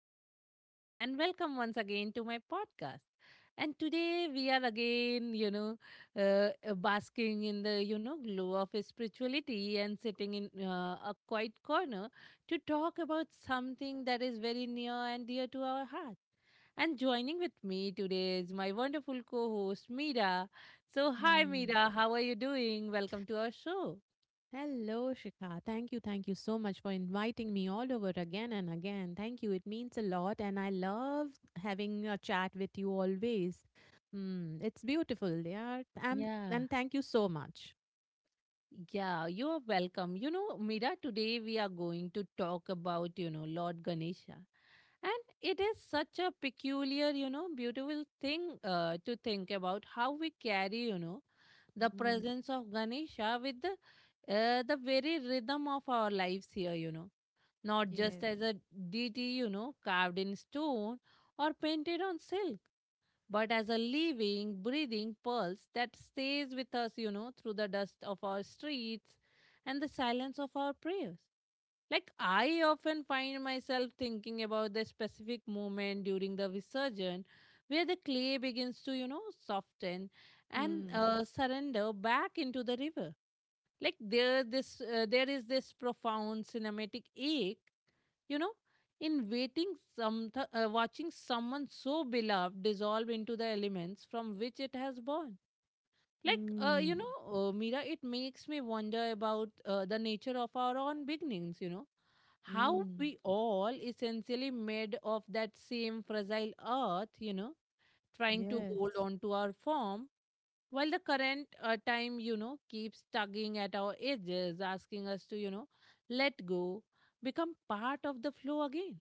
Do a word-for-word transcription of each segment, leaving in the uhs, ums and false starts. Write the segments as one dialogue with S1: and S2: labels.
S1: Hello, everyone, and welcome once again to my podcast. And today we are again, you know, uh, uh, basking in the, you know, glow of spirituality and sitting in uh, a quiet corner to talk about something that is very near and dear to our heart. And joining with me today is my wonderful co host, Meera. So, hi,
S2: Mm.
S1: Meera, how are you doing? Welcome to our show.
S2: Hello, Shikha. Thank you. Thank you so much for inviting me all over again and again. Thank you. It means a lot. And I love having a chat with you always. Mm, it's beautiful. Yeah. And,
S1: Yeah.
S2: and thank you so much.
S1: Yeah, you are welcome. You know, Mira, today we are going to talk about, you know, Lord Ganesha. And it is such a peculiar, you know, beautiful thing uh, to think about how we carry, you know, the
S2: Mm.
S1: presence of Ganesha with the, uh, the very rhythm of our lives here, you know, not
S2: Yes.
S1: just as a deity, you know, carved in stone or painted on silk, but as a living, breathing pulse that stays with us, you know, through the dust of our streets and the silence of our prayers. Like, I often find myself thinking about the specific moment during the Visarjan where the clay begins to, you know, soften and
S2: Mm.
S1: uh, surrender back into the river. Like there this uh, there is this profound cinematic ache, you know, in waiting some th- uh, watching someone so beloved dissolve into the elements from which it has born. Like uh, you
S2: Mm.
S1: know uh, Mira, it makes me wonder about uh, the nature of our own beginnings, you know, how
S2: Mm.
S1: we all essentially made of that same fragile earth, you know, trying to hold
S2: Yes.
S1: on to our form while the current uh, time, you know, keeps tugging at our edges, asking us to, you know, let go, become part of the flow again.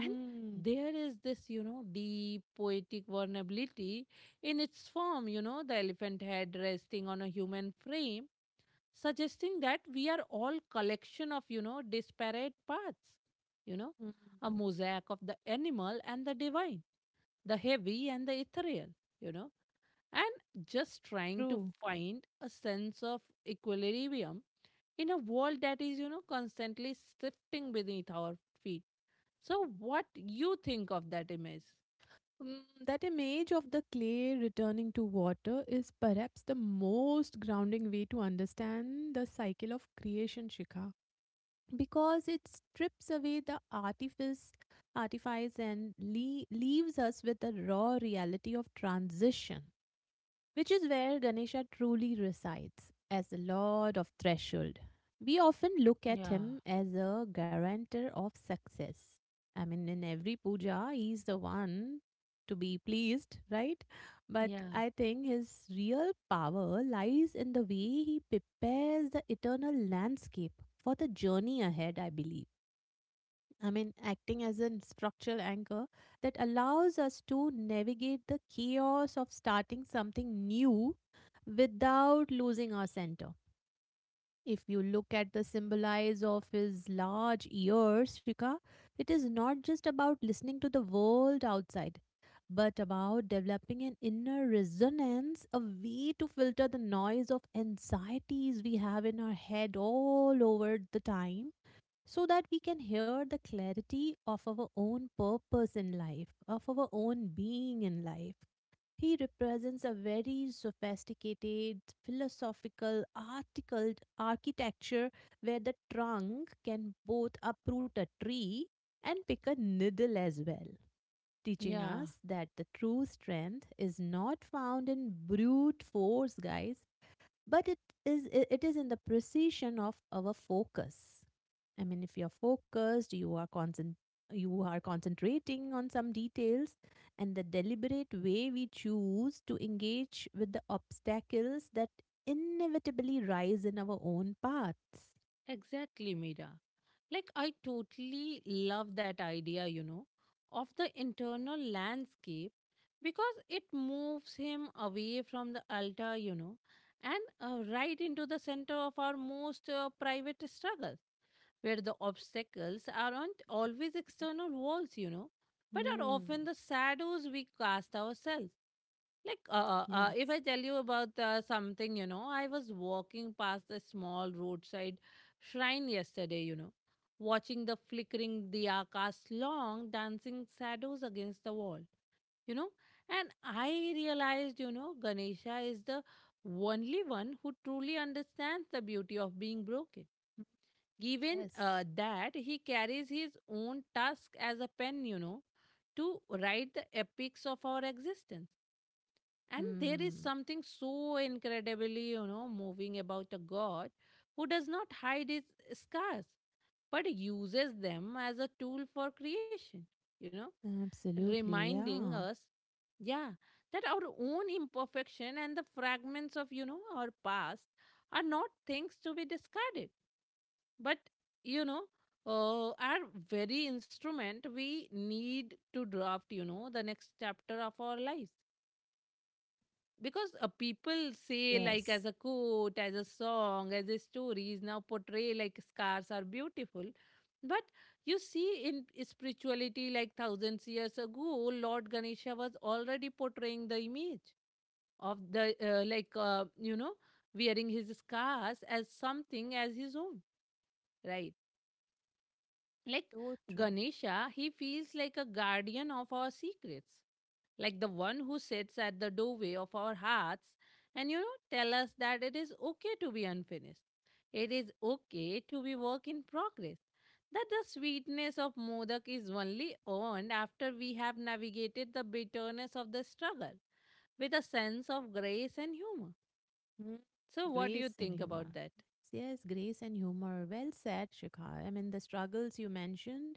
S1: And there is this, you know, deep poetic vulnerability in its form, you know, the elephant head resting on a human frame, suggesting that we are all collection of, you know, disparate parts, you know,
S2: Mm.
S1: a mosaic of the animal and the divine, the heavy and the ethereal, you know, and just trying to
S2: True.
S1: find a sense of equilibrium in a world that is, you know, constantly shifting beneath our feet. So what you think of that image?
S2: Mm, that image of the clay returning to water is perhaps the most grounding way to understand the cycle of creation, Shikha, because it strips away the artifice, artifice and le- leaves us with the raw reality of transition, which is where Ganesha truly resides as the Lord of Threshold. We often look at
S1: Yeah.
S2: him as a guarantor of success. I mean, in every puja, he's the one to be pleased, right? But
S1: Yeah.
S2: I think his real power lies in the way he prepares the eternal landscape for the journey ahead, I believe. I mean, acting as a structural anchor that allows us to navigate the chaos of starting something new without losing our center. If you look at the symbolize of his large ears, Shika, it is not just about listening to the world outside, but about developing an inner resonance, a way to filter the noise of anxieties we have in our head all over the time, so that we can hear the clarity of our own purpose in life, of our own being in life. He represents a very sophisticated, philosophical, articled architecture where the trunk can both uproot a tree and pick a needle as well, teaching
S1: Yeah,
S2: us that the true strength is not found in brute force, guys, but it is it is in the precision of our focus. I mean, if you're focused, you are concent- you are concentrating on some details and the deliberate way we choose to engage with the obstacles that inevitably rise in our own paths.
S1: exactly, Mira. Like, I totally love that idea, you know, of the internal landscape, because it moves him away from the altar, you know, and uh, right into the center of our most uh, private struggle, where the obstacles aren't always external walls, you know, but are
S2: Hmm.
S1: often the shadows we cast ourselves. Like, uh, uh, uh,
S2: Yes.
S1: if I tell you about uh, something, you know, I was walking past a small roadside shrine yesterday, you know, watching the flickering diya cast long dancing shadows against the wall, you know, and I realized, you know, Ganesha is the only one who truly understands the beauty of being broken.
S2: Mm,
S1: Given
S2: yes.
S1: uh, that he carries his own task as a pen, you know, to write the epics of our existence. And there is
S2: Hmm.
S1: something so incredibly, you know, moving about a god who does not hide his scars but uses them as a tool for creation, you know,
S2: Absolutely,
S1: reminding
S2: yeah.
S1: us, yeah, that our own imperfection and the fragments of, you know, our past are not things to be discarded, but, you know, uh, are very instrument we need to draft, you know, the next chapter of our lives, because uh, people say, like, as
S2: Yes.
S1: a quote, as a song, as a stories now portray, like, scars are beautiful. But you see in spirituality, like, thousands years ago, Lord Ganesha was already portraying the image of the uh, like uh, you know, wearing his scars as something as his own, right? Like,
S2: So true.
S1: Ganesha, he feels like a guardian of our secrets, like the one who sits at the doorway of our hearts, and, you know, tell us that it is okay to be unfinished, it is okay to be work in progress, that the sweetness of modak is only earned after we have navigated the bitterness of the struggle with a sense of grace and humor.
S2: Mm.
S1: So what do you
S2: Grace and
S1: think
S2: humor.
S1: about that?
S2: Yes, grace and humor. Well said, Shikha. I mean, the struggles you mentioned,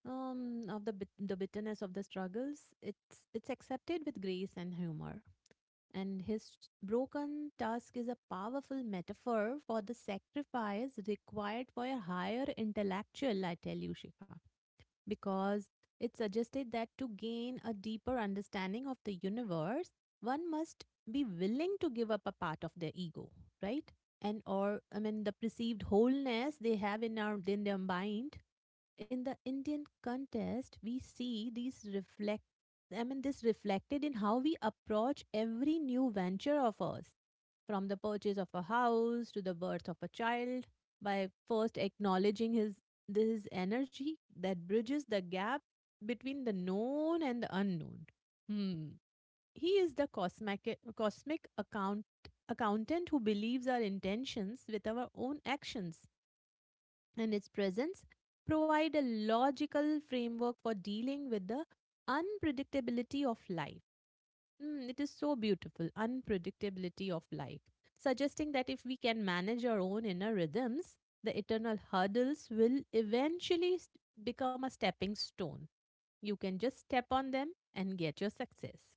S2: um, of the bit- the bitterness of the struggles, it's it's accepted with grace and humor. And his broken tusk is a powerful metaphor for the sacrifice required for a higher intellectual. I tell you, Shikha, because it suggested that to gain a deeper understanding of the universe, one must be willing to give up a part of their ego, right? And, or I mean, the perceived wholeness they have in our in their mind. In the Indian contest, we see these reflect I mean, this reflected in how we approach every new venture of ours, from the purchase of a house to the birth of a child, by first acknowledging his this is energy that bridges the gap between the known and the unknown. Hmm. He is the cosmic, cosmic account, accountant who believes our intentions with our own actions, and its presence provide a logical framework for dealing with the unpredictability of life. Mm, it is so beautiful, unpredictability of life, suggesting that if we can manage our own inner rhythms, the eternal hurdles will eventually s- become a stepping stone. You can just step on them and get your success.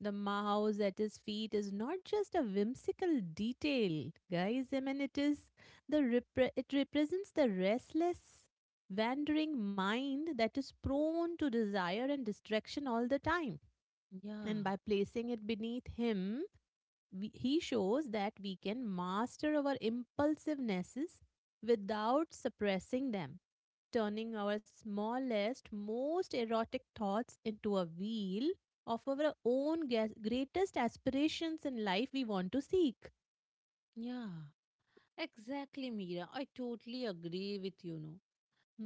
S2: The mouse at his feet is not just a whimsical detail, guys. I mean, it is the repre- it represents the restless, wandering mind that is prone to desire and distraction all the time. And
S1: Yeah,
S2: by placing it beneath him, we, he shows that we can master our impulsivenesses without suppressing them, turning our smallest, most erotic thoughts into a wheel of our own greatest aspirations in life we want to seek.
S1: yeah. Exactly, Mira. I totally agree with you. No,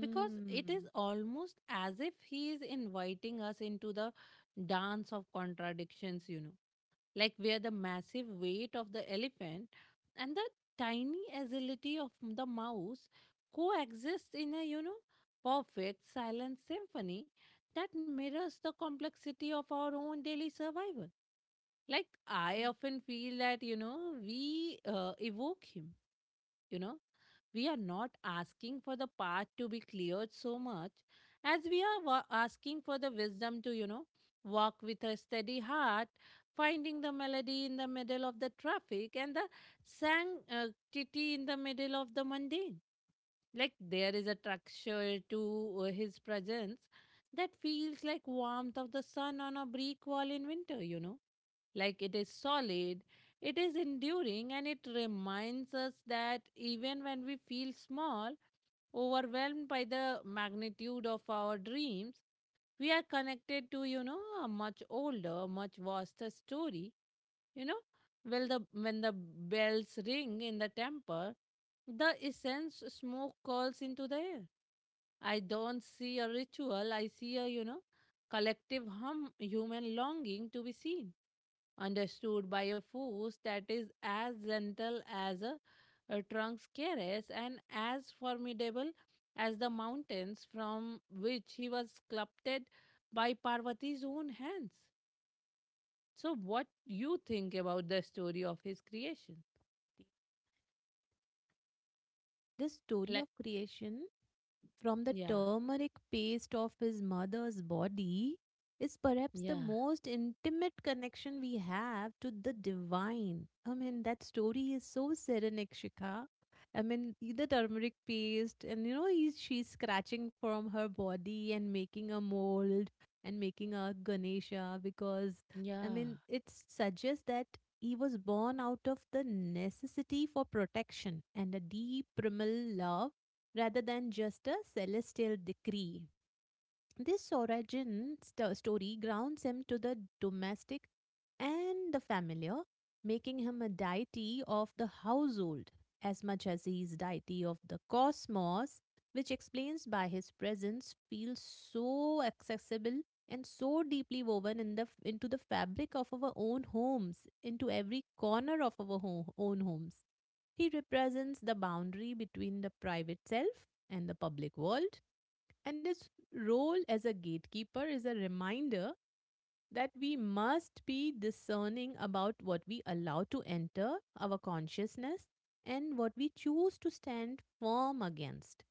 S1: because it is almost as if he is inviting us into the dance of contradictions, you know, like where the massive weight of the elephant and the tiny agility of the mouse coexist in a, you know, perfect silent symphony that mirrors the complexity of our own daily survival. Like, I often feel that, you know, we uh, evoke him, you know, we are not asking for the path to be cleared so much as we are wa- asking for the wisdom to, you know, walk with a steady heart, finding the melody in the middle of the traffic and the sanctity in the middle of the mundane. Like there is a texture to uh, his presence that feels like warmth of the sun on a brick wall in winter, you know, like it is solid, it is enduring, and it reminds us that even when we feel small, overwhelmed by the magnitude of our dreams, we are connected to, you know, a much older, much vaster story, you know, well the when the bells ring in the temple, the essence smoke curls into the air. I don't see a ritual. I see a, you know, collective hum, human longing to be seen, understood by a force that is as gentle as a, a trunk's caress and as formidable as the mountains from which he was sculpted by Parvati's own hands. So, what you think about the story of his creation?
S2: This story
S1: Like,
S2: of creation from the
S1: yeah,
S2: turmeric paste of his mother's body is perhaps the
S1: yeah,
S2: most intimate connection we have to the divine. I mean, that story is so serenic, Shikha. I mean, the turmeric paste, and you know, he's, she's scratching from her body and making a mold and making a Ganesha. Because, I
S1: yeah,
S2: mean, it suggests that he was born out of the necessity for protection and a deep primal love, rather than just a celestial decree. This origin st- story grounds him to the domestic and the familiar, making him a deity of the household as much as he is deity of the cosmos, which explains by his presence feels so accessible and so deeply woven in the f- into the fabric of our own homes, into every corner of our ho- own homes. He represents the boundary between the private self and the public world, and its role as a gatekeeper is a reminder that we must be discerning about what we allow to enter our consciousness and what we choose to stand firm against,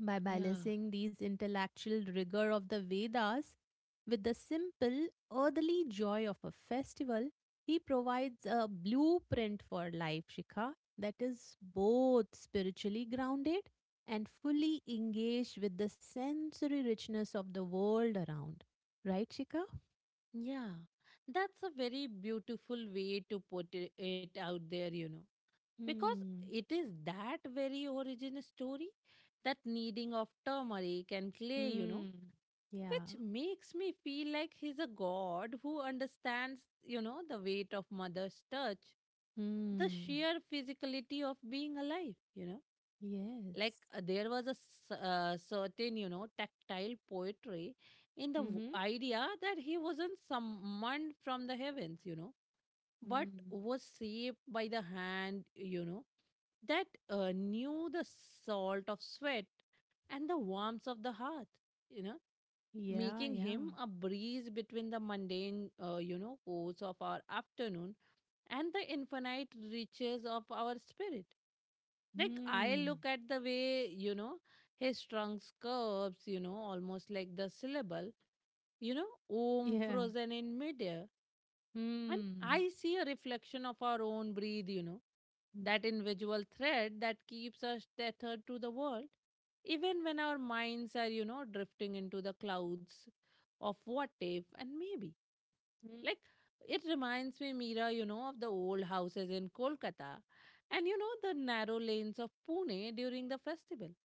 S2: by
S1: yeah,
S2: balancing these intellectual rigor of the Vedas with the simple, earthly joy of a festival. He provides a blueprint for life, Shikha, that is both spiritually grounded and fully engaged with the sensory richness of the world around. Right, Shikha?
S1: yeah. That's a very beautiful way to put it, it out there, you know, because
S2: Hmm.
S1: it is that very origin story, that kneading of turmeric and clay, you know,
S2: Hmm. Yeah.
S1: which makes me feel like he's a god who understands, you know, the weight of mother's touch, the
S2: Hmm.
S1: sheer physicality of being alive, you know, like
S2: Yes.
S1: uh, there was a s- uh, certain, you know, tactile poetry in the w-
S2: Mm-hmm.
S1: idea that he wasn't summoned from the heavens, you know, but
S2: Hmm.
S1: was saved by the hand, you know, that uh, knew the salt of sweat and the warmth of the heart, you know,
S2: Yeah,
S1: making
S2: yeah.
S1: him a breeze between the mundane uh, you know, course of our afternoon and the infinite riches of our spirit. Like, I
S2: Hmm.
S1: look at the way, you know, his trunk curves, you know, almost like the syllable, you know, om
S2: Yeah.
S1: frozen in midair. And
S2: Mm.
S1: I see a reflection of our own breath, you know,
S2: Mm.
S1: that invisible thread that keeps us tethered to the world, even when our minds are, you know, drifting into the clouds of what if and maybe.
S2: Mm.
S1: Like, it reminds me, Mira, you know, of the old houses in Kolkata, and, you know, the narrow lanes of Pune during the festival,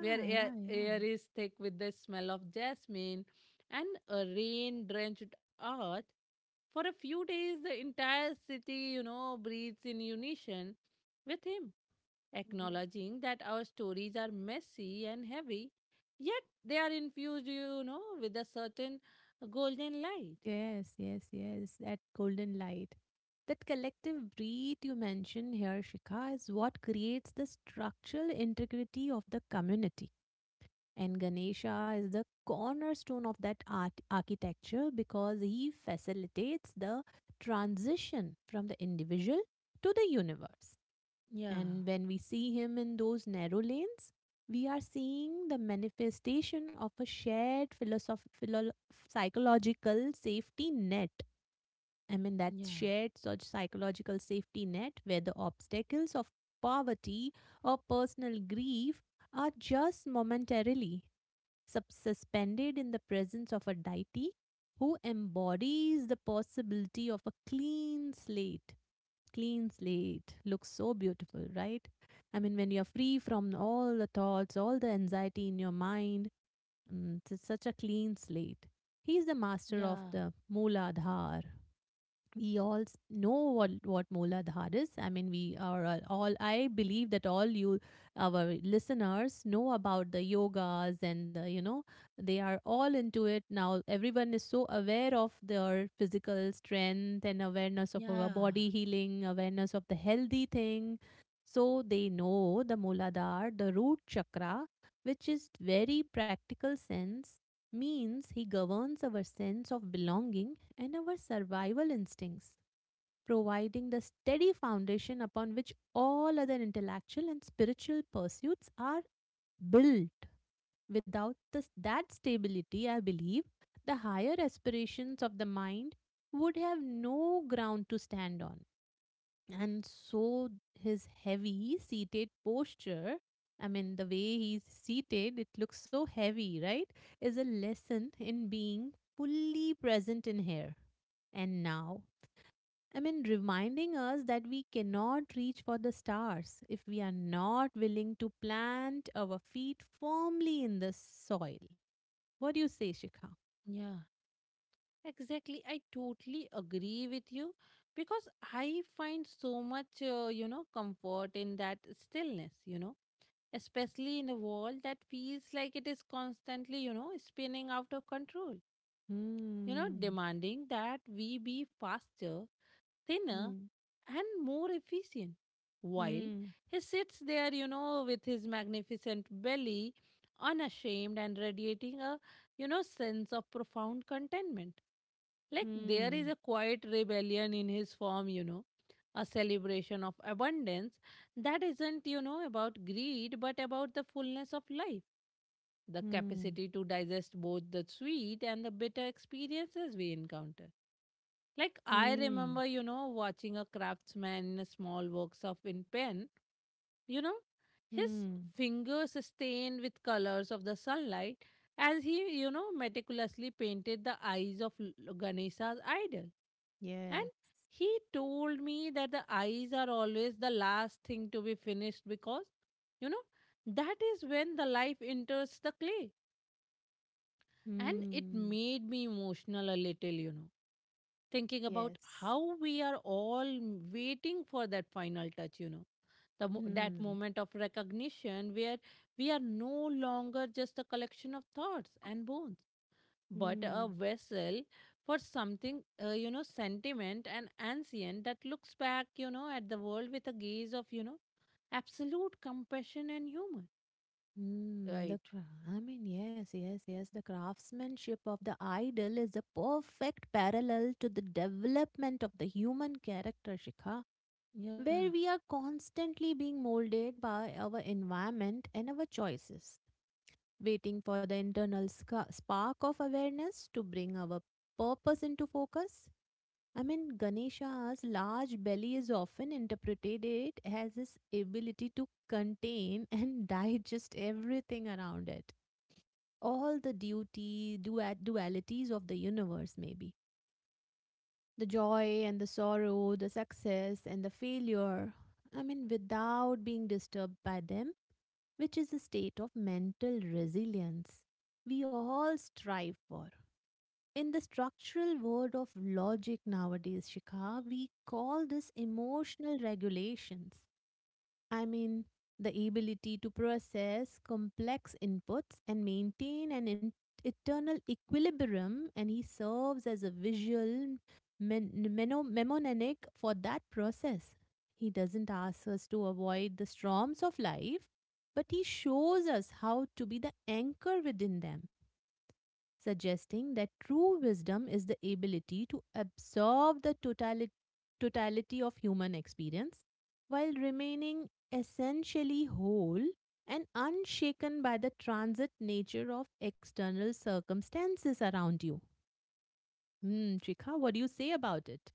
S1: where air,
S2: yeah, yeah.
S1: air is thick with the smell of jasmine and a rain drenched earth. For a few days, the entire city, you know, breathes in unison with him, acknowledging that our stories are messy and heavy, yet they are infused, you know, with a certain golden light.
S2: Yes, yes, yes. That golden light. That collective breath you mentioned here, Shikha, is what creates the structural integrity of the community. And Ganesha is the cornerstone of that art architecture, because he facilitates the transition from the individual to the universe.
S1: Yeah,
S2: And when we see him in those narrow lanes, we are seeing the manifestation of a shared philosoph- philo- psychological safety net. I mean, that
S1: yeah.
S2: shared such psychological safety net, where the obstacles of poverty or personal grief are just momentarily sub- suspended in the presence of a deity who embodies the possibility of a clean slate. Clean slate looks so beautiful, right? I mean, when you're free from all the thoughts, all the anxiety in your mind, mm, it's such a clean slate. He is the master of
S1: Yeah,
S2: the Mooladhar, we all s- know what what Mooladhar is. I mean, we are all. All- I believe that all you, our listeners, know about the yogas, and the, you know, they are all into it now. Everyone is so aware of their physical strength and awareness of our
S1: yeah,
S2: body healing, awareness of the healthy thing. So they know the Mooladhar, the root chakra, which is very practical sense means he governs our sense of belonging and our survival instincts, providing the steady foundation upon which all other intellectual and spiritual pursuits are built. Without this, that stability, I believe the higher aspirations of the mind would have no ground to stand on. And so, his heavy seated posture, I mean, the way he's seated, it looks so heavy, right? Is a lesson in being fully present in here and now. I mean, reminding us that we cannot reach for the stars if we are not willing to plant our feet firmly in the soil. What do you say, Shikha?
S1: yeah. Exactly. I totally agree with you, because I find so much, uh, you know, comfort in that stillness, you know, especially in a world that feels like it is constantly, you know, spinning out of control, you know,
S2: Hmm.
S1: demanding that we be faster, thinner,
S2: Hmm.
S1: and more efficient. While
S2: Hmm.
S1: he sits there, you know, with his magnificent belly, unashamed and radiating a, you know, sense of profound contentment. Like there is
S2: Hmm.
S1: a quiet rebellion in his form, you know, a celebration of abundance that isn't, you know, about greed but about the fullness of life, the
S2: Hmm.
S1: capacity to digest both the sweet and the bitter experiences we encounter. Like, I
S2: Hmm.
S1: remember, you know, watching a craftsman in a small workshop in Penn, you know, his
S2: Hmm.
S1: fingers stained with colors of the sunlight as he, you know, meticulously painted the eyes of L- Ganesha's idol. And
S2: Yes.
S1: he told me that the eyes are always the last thing to be finished because, you know, that is when the life enters the clay. And it
S2: Hmm.
S1: made me emotional a little, you know, thinking about
S2: Yes.
S1: how we are all waiting for that final touch, you know, the mo- that
S2: Hmm.
S1: moment of recognition where we are no longer just a collection of thoughts and bones but a
S2: Hmm.
S1: vessel for something, uh, you know, sentiment and ancient that looks back, you know, at the world with a gaze of, you know, absolute compassion and humor,
S2: Mm, the
S1: right?
S2: cra- I mean, yes, yes, yes. The craftsmanship of the idol is a perfect parallel to the development of the human character, Shikha,
S1: Yeah,
S2: where we are constantly being molded by our environment and our choices, waiting for the internal sca- spark of awareness to bring our purpose into focus. I mean, Ganesha's large belly is often interpreted it as his ability to contain and digest everything around it, all the duty, dua- dualities of the universe, maybe the joy and the sorrow, the success and the failure. I mean, without being disturbed by them, which is a state of mental resilience we all strive for. In the structural world of logic nowadays, Shikha, we call this emotional regulations. I mean, the ability to process complex inputs and maintain an in- eternal equilibrium, and he serves as a visual men- meno- mnemonic for that process. He doesn't ask us to avoid the storms of life, but he shows us how to be the anchor within them, suggesting that true wisdom is the ability to absorb the totali- totality of human experience while remaining essentially whole and unshaken by the transit nature of external circumstances around you. Hmm, Trika, what do you say about it?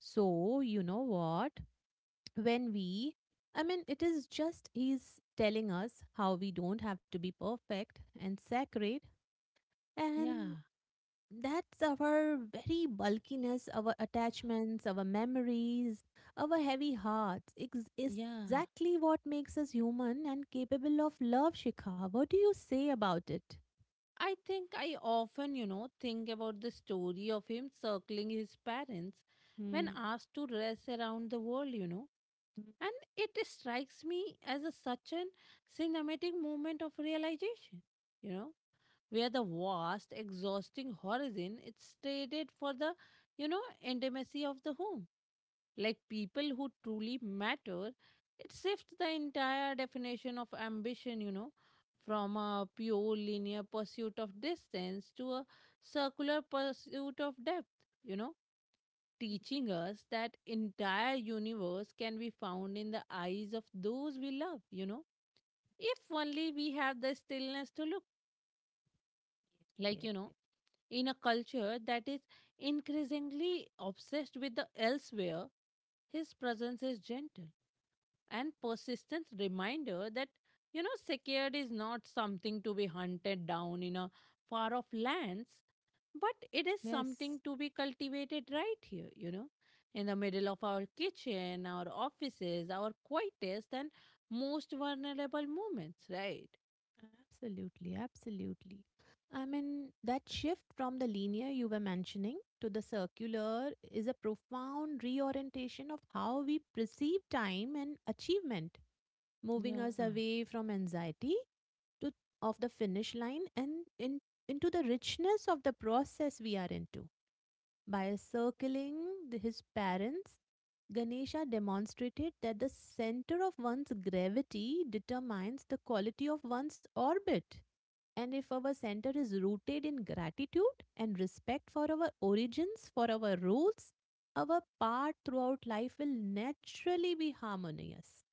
S2: So, you know what? When we, I mean, it is just he's telling us how we don't have to be perfect and sacred. And
S1: yeah,
S2: that's our very bulkiness, our attachments, our memories, our heavy hearts. Ex- is
S1: yeah.
S2: Exactly what makes us human and capable of love, Shikha. What do you say about it?
S1: I think I often, you know, think about the story of him circling his parents when
S2: Mm.
S1: asked to race around the world, you know,
S2: Mm.
S1: and it strikes me as a such an cinematic moment of realization, you know, where the vast, exhausting horizon is traded for the, you know, intimacy of the home. Like people who truly matter, it shifts the entire definition of ambition, you know, from a pure linear pursuit of distance to a circular pursuit of depth, you know, teaching us that entire universe can be found in the eyes of those we love, you know. If only we have the stillness to look like
S2: Yes,
S1: you know In a culture that is increasingly obsessed with the elsewhere, his presence is gentle and persistent reminder that, you know, secured is not something to be hunted down in a far off lands, but it is
S2: yes,
S1: something to be cultivated right here, you know, in the middle of our kitchen, our offices, our quietest and most vulnerable moments, right?
S2: absolutely, absolutely. I mean, that shift from the linear you were mentioning to the circular is a profound reorientation of how we perceive time and achievement, moving
S1: Yeah,
S2: us away from anxiety to of the finish line and in, into the richness of the process we are into. By circling the- his parents, Ganesha demonstrated that the center of one's gravity determines the quality of one's orbit. And if our center is rooted in gratitude and respect for our origins, for our roots, our path throughout life will naturally be harmonious.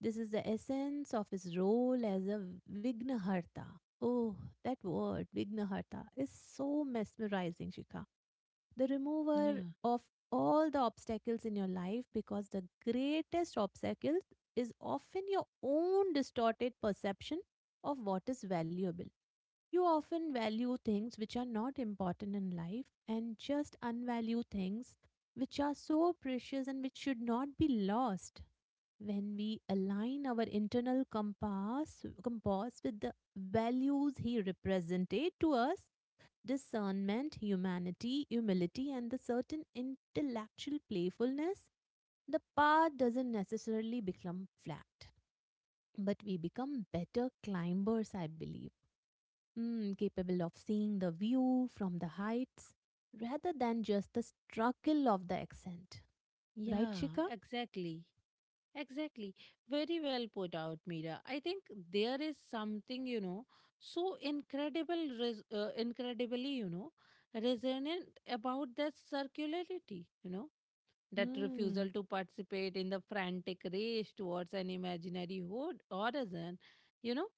S2: This is the essence of his role as a Vignaharta. Oh, that word, Vignaharta, is so mesmerizing, Shikha. The remover
S1: yeah,
S2: of all the obstacles in your life because the greatest obstacle is often your own distorted perception of what is valuable. You often value things which are not important in life and just unvalue things which are so precious and which should not be lost. When we align our internal compass, compass with the values he represented to us, discernment, humanity, humility, and the certain intellectual playfulness, the path doesn't necessarily become flat, but we become better climbers, I believe, mm, capable of seeing the view from the heights rather than just the struggle of the accent. Right,
S1: yeah,
S2: Shika?
S1: exactly. Exactly. Very well put out, Mira. I think there is something, you know, so incredible, res- uh, incredibly, you know, resonant about that circularity, you know, that refusal
S2: Mm,
S1: to participate in the frantic race towards an imaginary ho- horizon, you know,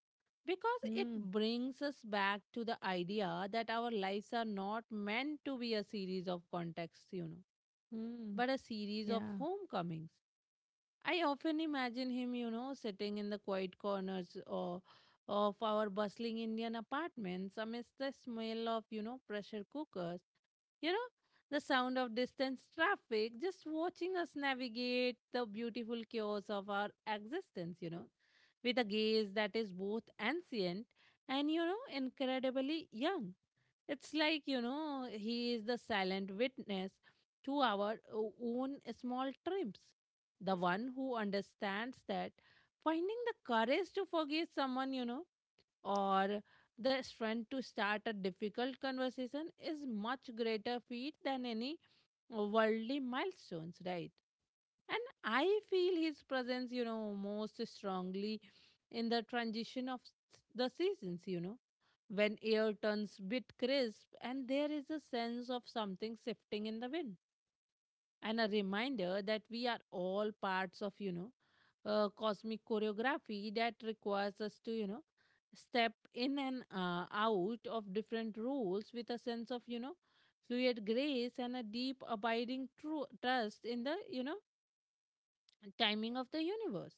S1: because it
S2: mm,
S1: brings us back to the idea that our lives are not meant to be a series of contexts, you know,
S2: mm,
S1: but a series of
S2: yeah.
S1: homecomings. I often imagine him, you know, sitting in the quiet corners or of our bustling Indian apartments amidst the smell of, you know, pressure cookers, you know, the sound of distant traffic, just watching us navigate the beautiful chaos of our existence, you know, with a gaze that is both ancient and, you know, incredibly young. It's like, you know, he is the silent witness to our o- own small triumphs. The one who understands that finding the courage to forgive someone, you know, or the strength to start a difficult conversation is much greater feat than any worldly milestones, right? And I feel his presence, you know, most strongly in the transition of s- the seasons, you know, when air turns bit crisp and there is a sense of something shifting in the wind and a reminder that we are all parts of, you know, uh, cosmic choreography that requires us to, you know, step in and uh, out of different roles with a sense of, you know, fluid grace and a deep abiding true trust in the, you know, timing of the universe.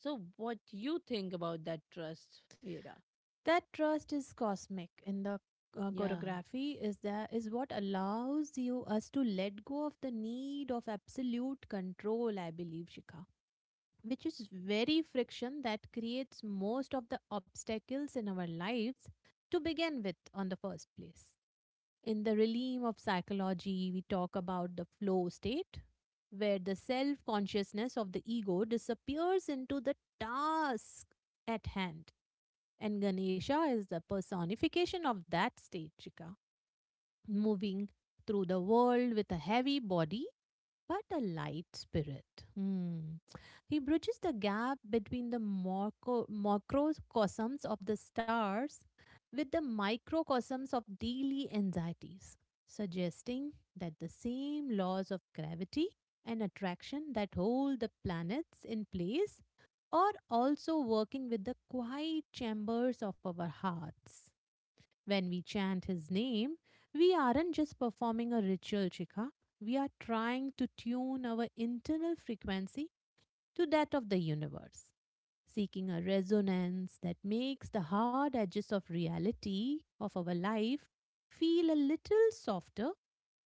S1: So what you think about that trust, Veda?
S2: That trust is cosmic in the uh,
S1: Yeah,
S2: choreography is that is what allows you us to let go of the need of absolute control, I believe, Shika. Which is very friction that creates most of the obstacles in our lives to begin with on the first place. In the realm of psychology, we talk about the flow state, where the self consciousness of the ego disappears into the task at hand. And Ganesha is the personification of that state, Chika, moving through the world with a heavy body but a light spirit. Hmm. He bridges the gap between the morco- macrocosms of the stars with the microcosms of daily anxieties, suggesting that the same laws of gravity and attraction that hold the planets in place are also working with the quiet chambers of our hearts. When we chant his name, we aren't just performing a ritual, Chika. We are trying to tune our internal frequency to that of the universe, seeking a resonance that makes the hard edges of reality of our life feel a little softer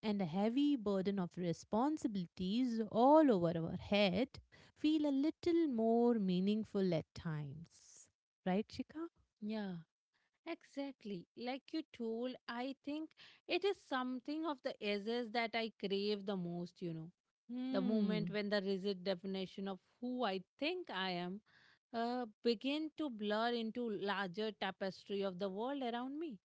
S2: and the heavy burden of responsibilities all over our head feel a little more meaningful at times. Right, Chika?
S1: yeah, exactly. Like you told, I think it is something of the essence that I crave the most, you know. The moment
S2: Hmm.
S1: when the rigid definition of who I think I am uh, begin to blur into larger tapestry of the world around me.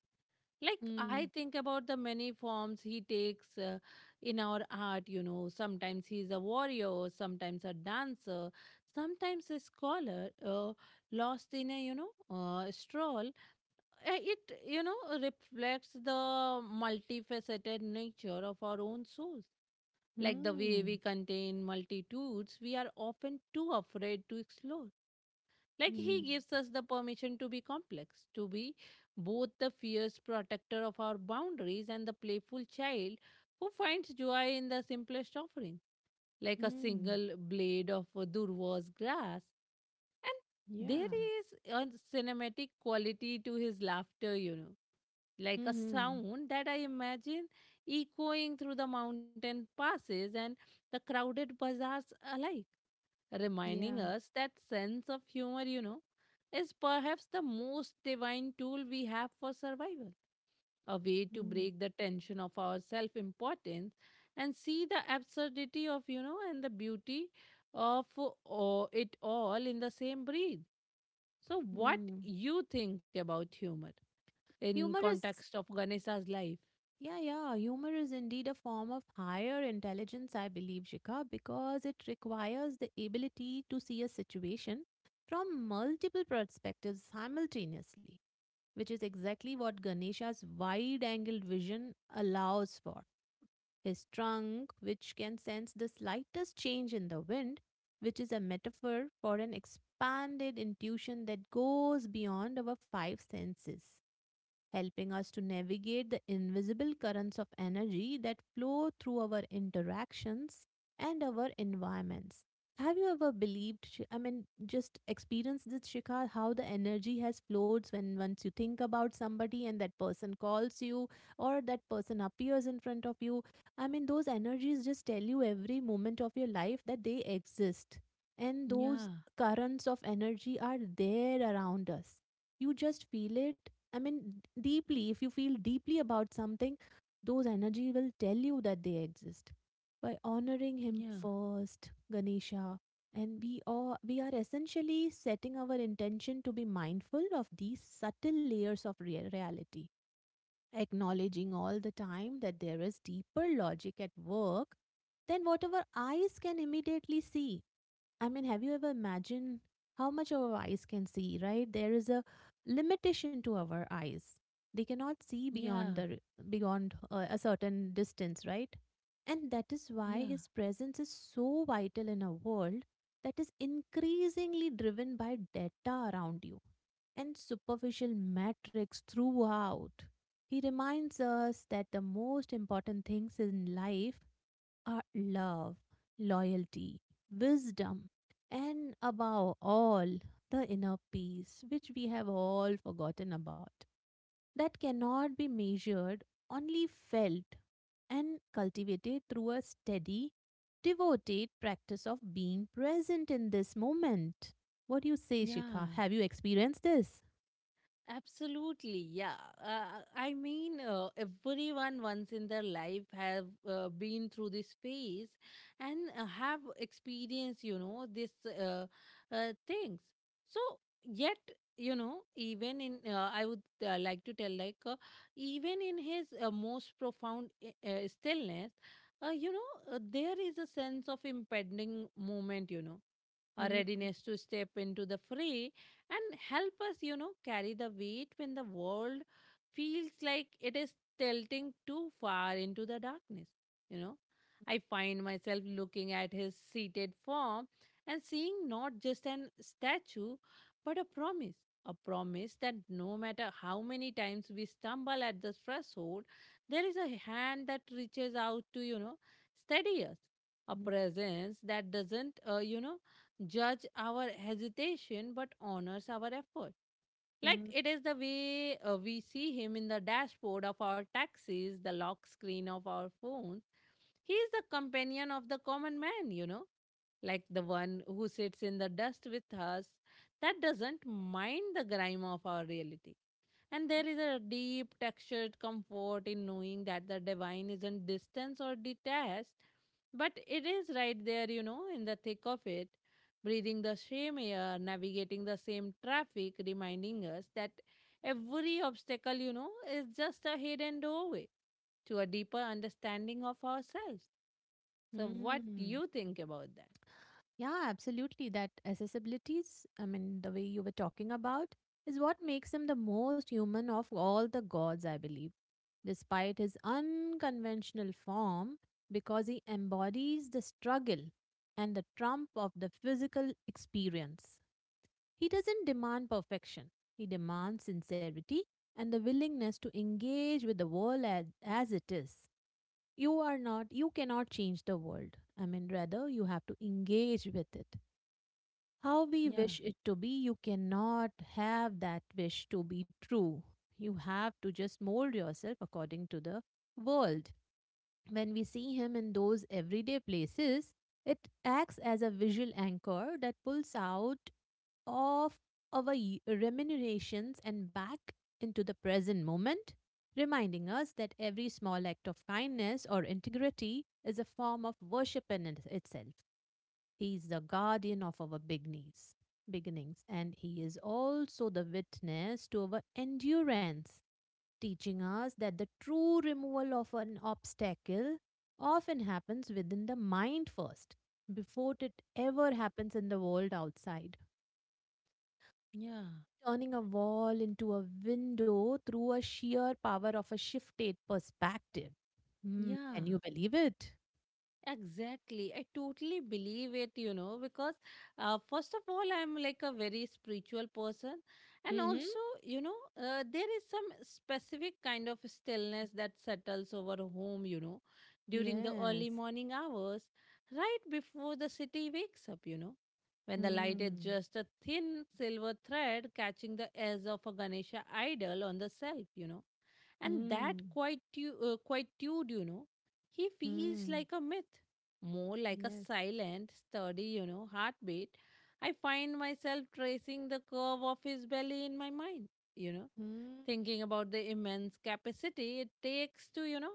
S1: Like I
S2: Hmm.
S1: think about the many forms he takes, uh, in our art, you know. Sometimes he's a warrior, sometimes a dancer, sometimes a scholar, uh, lost in a, you know, uh, stroll. uh, It, you know, reflects the multifaceted nature of our own souls. Like the way
S2: Mm,
S1: we contain multitudes, we are often too afraid to explore. Like he
S2: mm,
S1: gives us the permission to be complex, to be both the fierce protector of our boundaries and the playful child who finds joy in the simplest offerings like a
S2: mm,
S1: single blade of Durva's grass. And there
S2: yeah.
S1: is a cinematic quality to his laughter, you know, like a
S2: Mm-hmm.
S1: sound that I imagine echoing through the mountain passes and the crowded bazaars alike, reminding
S2: Yeah.
S1: us that sense of humor, you know, is perhaps the most divine tool we have for survival, a way to
S2: Mm,
S1: break the tension of our self importance and see the absurdity of, you know, and the beauty of uh, all- it all in the same breath. So what
S2: mm.
S1: you think about humor in
S2: Humor is,
S1: context of Ganesha's life?
S2: yeah, yeah. Humor is indeed a form of higher intelligence, I believe, Shikha, because it requires the ability to see a situation from multiple perspectives simultaneously, which is exactly what Ganesha's wide-angled vision allows for. His trunk, which can sense the slightest change in the wind, which is a metaphor for an expanded intuition that goes beyond our five senses, helping us to navigate the invisible currents of energy that flow through our interactions and our environments. Have you ever believed, Shi- I mean, just experienced this, Shikha, how the energy has flowed when once you think about somebody and that person calls you or that person appears in front of you? I mean, those energies just tell you every moment of your life that they exist. And
S1: Yeah,
S2: those currents of energy are there around us. You just feel it. I mean, d- deeply, if you feel deeply about something, those energy will tell you that they exist. By honoring him
S1: yeah,
S2: first, Ganesha, and we are we are essentially setting our intention to be mindful of these subtle layers of rea- reality, acknowledging all the time that there is deeper logic at work than whatever eyes can immediately see. I mean, have you ever imagined how much our eyes can see, right? There is a limitation to our eyes. They cannot see
S1: yeah,
S2: beyond the beyond uh, a certain distance, right? And that is why
S1: yeah,
S2: his presence is so vital in a world that is increasingly driven by data around you and superficial metrics throughout. He reminds us that the most important things in life are love, loyalty, wisdom, and above all, the inner peace, which we have all forgotten about, that cannot be measured, only felt and cultivated through a steady, devoted practice of being present in this moment. What do you say, Shikha?
S1: yeah.
S2: Have you experienced this?
S1: Absolutely, yeah. Uh, I mean, uh, everyone once in their life have uh, been through this phase and, uh, have experienced, you know, this uh, uh, things. So yet, you know, even in uh, I would uh, like to tell, like, uh, even in his uh, most profound i- uh, stillness, uh, you know, uh, there is a sense of impending moment, you know, a
S2: Mm,
S1: readiness to step into the fray and help us, you know, carry the weight when the world feels like it is tilting too far into the darkness. You know, I find myself looking at his seated form and seeing not just an statue, but a promise. A promise that no matter how many times we stumble at the threshold, there is a hand that reaches out to, you know, steady us. A
S2: mm,
S1: presence that doesn't, uh, you know, judge our hesitation but honors our effort. Like
S2: mm,
S1: it is the way, uh, we see him in the dashboard of our taxis, the lock screen of our phones. He is the companion of the common man, you know, like the one who sits in the dust with us that doesn't mind the grime of our reality. And there is a deep textured comfort in knowing that the divine isn't distant or detached, but it is right there, you know, in the thick of it, breathing the same air, navigating the same traffic, reminding us that every obstacle, you know, is just a hidden doorway to a deeper understanding of ourselves. So, what do
S2: mm.
S1: you think about that?
S2: Yeah, absolutely. That accessibilities, I mean, the way you were talking about, is what makes him the most human of all the gods, I believe. Despite his unconventional form, because he embodies the struggle and the trump of the physical experience. He doesn't demand perfection, he demands sincerity and the willingness to engage with the world as, as it is. You are not, you cannot change the world. I mean, rather, you have to engage with it how we
S1: Yeah,
S2: wish it to be, you cannot have that wish to be true. You have to just mold yourself according to the world. When we see him in those everyday places, it acts as a visual anchor that pulls out of our y- remunerations and back into the present moment, reminding us that every small act of kindness or integrity is a form of worship in it- itself. He is the guardian of our beginnings, beginnings, and he is also the witness to our endurance, teaching us that the true removal of an obstacle often happens within the mind first, before it ever happens in the world outside.
S1: yeah,
S2: Turning a wall into a window through a sheer power of a shifted perspective. Hmm,
S1: yeah.
S2: can you believe it?
S1: Exactly. I totally believe it, you know, because uh, first of all, I'm like a very spiritual person. And
S2: Mm-hmm.
S1: also, you know, uh, there is some specific kind of stillness that settles over a home, you know, during the
S2: Yes.
S1: early morning hours, right before the city wakes up, you know, when the light is
S2: Hmm.
S1: just a thin silver thread catching the edge of a Ganesha idol on the shelf, you know and that
S2: Hmm.
S1: quite tu- you know. He feels
S2: Hmm.
S1: like a myth, more like a
S2: Yes.
S1: silent, sturdy, you know, heartbeat. I find myself tracing the curve of his belly in my mind, you know,
S2: Mm,
S1: thinking about the immense capacity it takes to, you know,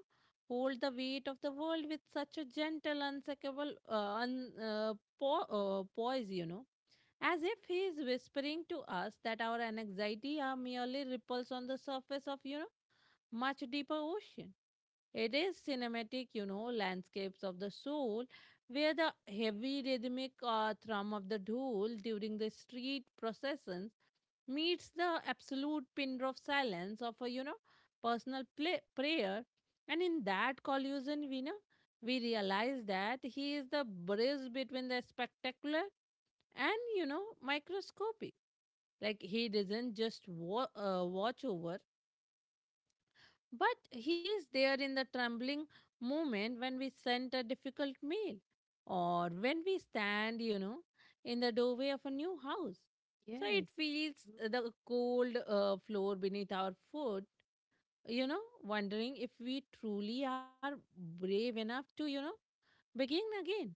S1: hold the weight of the world with such a gentle, unsinkable, uh, un, uh, po- uh, poise, you know, as if he is whispering to us that our anxiety are merely ripples on the surface of, you know, much deeper ocean. It is cinematic, you know, landscapes of the soul, where the heavy rhythmic uh, thrum of the dhol during the street processions meets the absolute pin drop silence of a, you know, personal play- prayer. And in that collusion, we know, we realize that he is the bridge between the spectacular and, you know, microscopic. Like he doesn't just wa- uh, watch over, but he is there in the trembling moment when we send a difficult mail or when we stand, you know, in the doorway of a new house. So it
S2: yes.
S1: feels
S2: Truly.
S1: the cold uh, floor beneath our foot, you know, wondering if we truly are brave enough to, you know, begin again.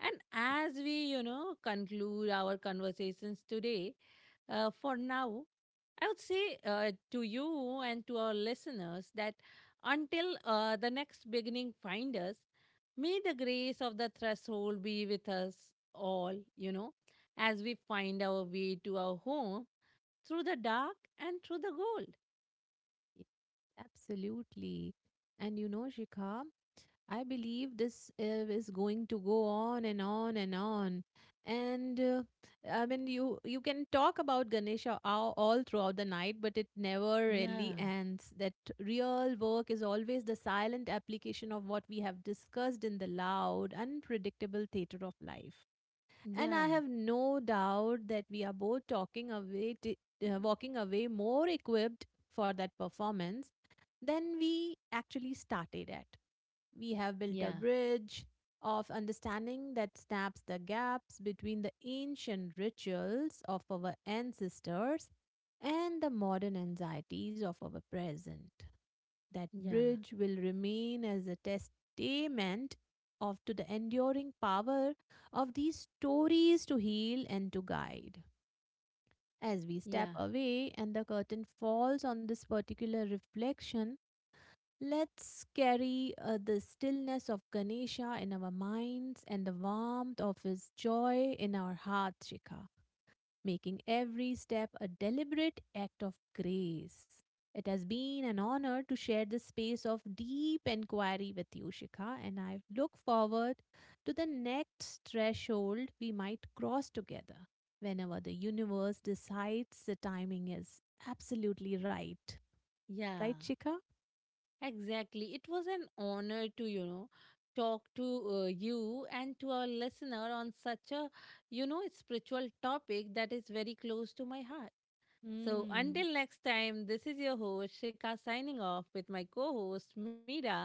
S1: And as we, you know, conclude our conversations today, uh, for now, I would say, uh, to you and to our listeners that until, uh, the next beginning find us, may the grace of the threshold be with us all, you know, as we find our way to our home through the dark and through the gold.
S2: Absolutely. And you know, Shikha, I believe this uh, is going to go on and on and on. And uh, I mean, you you can talk about Ganesha all, all throughout the night, but it never really
S1: Yeah,
S2: ends. That real work is always the silent application of what we have discussed in the loud, unpredictable theater of life. And
S1: yeah,
S2: I have no doubt that we are both talking away, t- uh, walking away more equipped for that performance than we actually started at. We have built a
S1: yeah,
S2: bridge of understanding that snaps the gaps between the ancient rituals of our ancestors and the modern anxieties of our present. That
S1: yeah,
S2: bridge will remain as a testament of to the enduring power of these stories to heal and to guide. As we step
S1: yeah,
S2: away and the curtain falls on this particular reflection, let's carry uh, the stillness of Ganesha in our minds and the warmth of his joy in our hearts, Shikha, making every step a deliberate act of grace. It has been an honor to share this space of deep inquiry with you, Shikha, and I look forward to the next threshold we might cross together whenever the universe decides the timing is absolutely right. Right,
S1: yeah.
S2: Shikha?
S1: Exactly. It was an honor to, you know, talk to, uh, you and to our listener on such a, you know, spiritual topic that is very close to my heart. So
S2: Hmm.
S1: until next time, this is your host Shika signing off with my co-host Mira.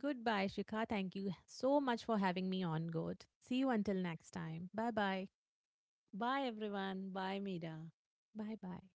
S2: Goodbye, Shikha. Thank you so much for having me on, Good. See you until next time. Bye bye.
S1: Bye everyone. Bye Mira.
S2: Bye bye.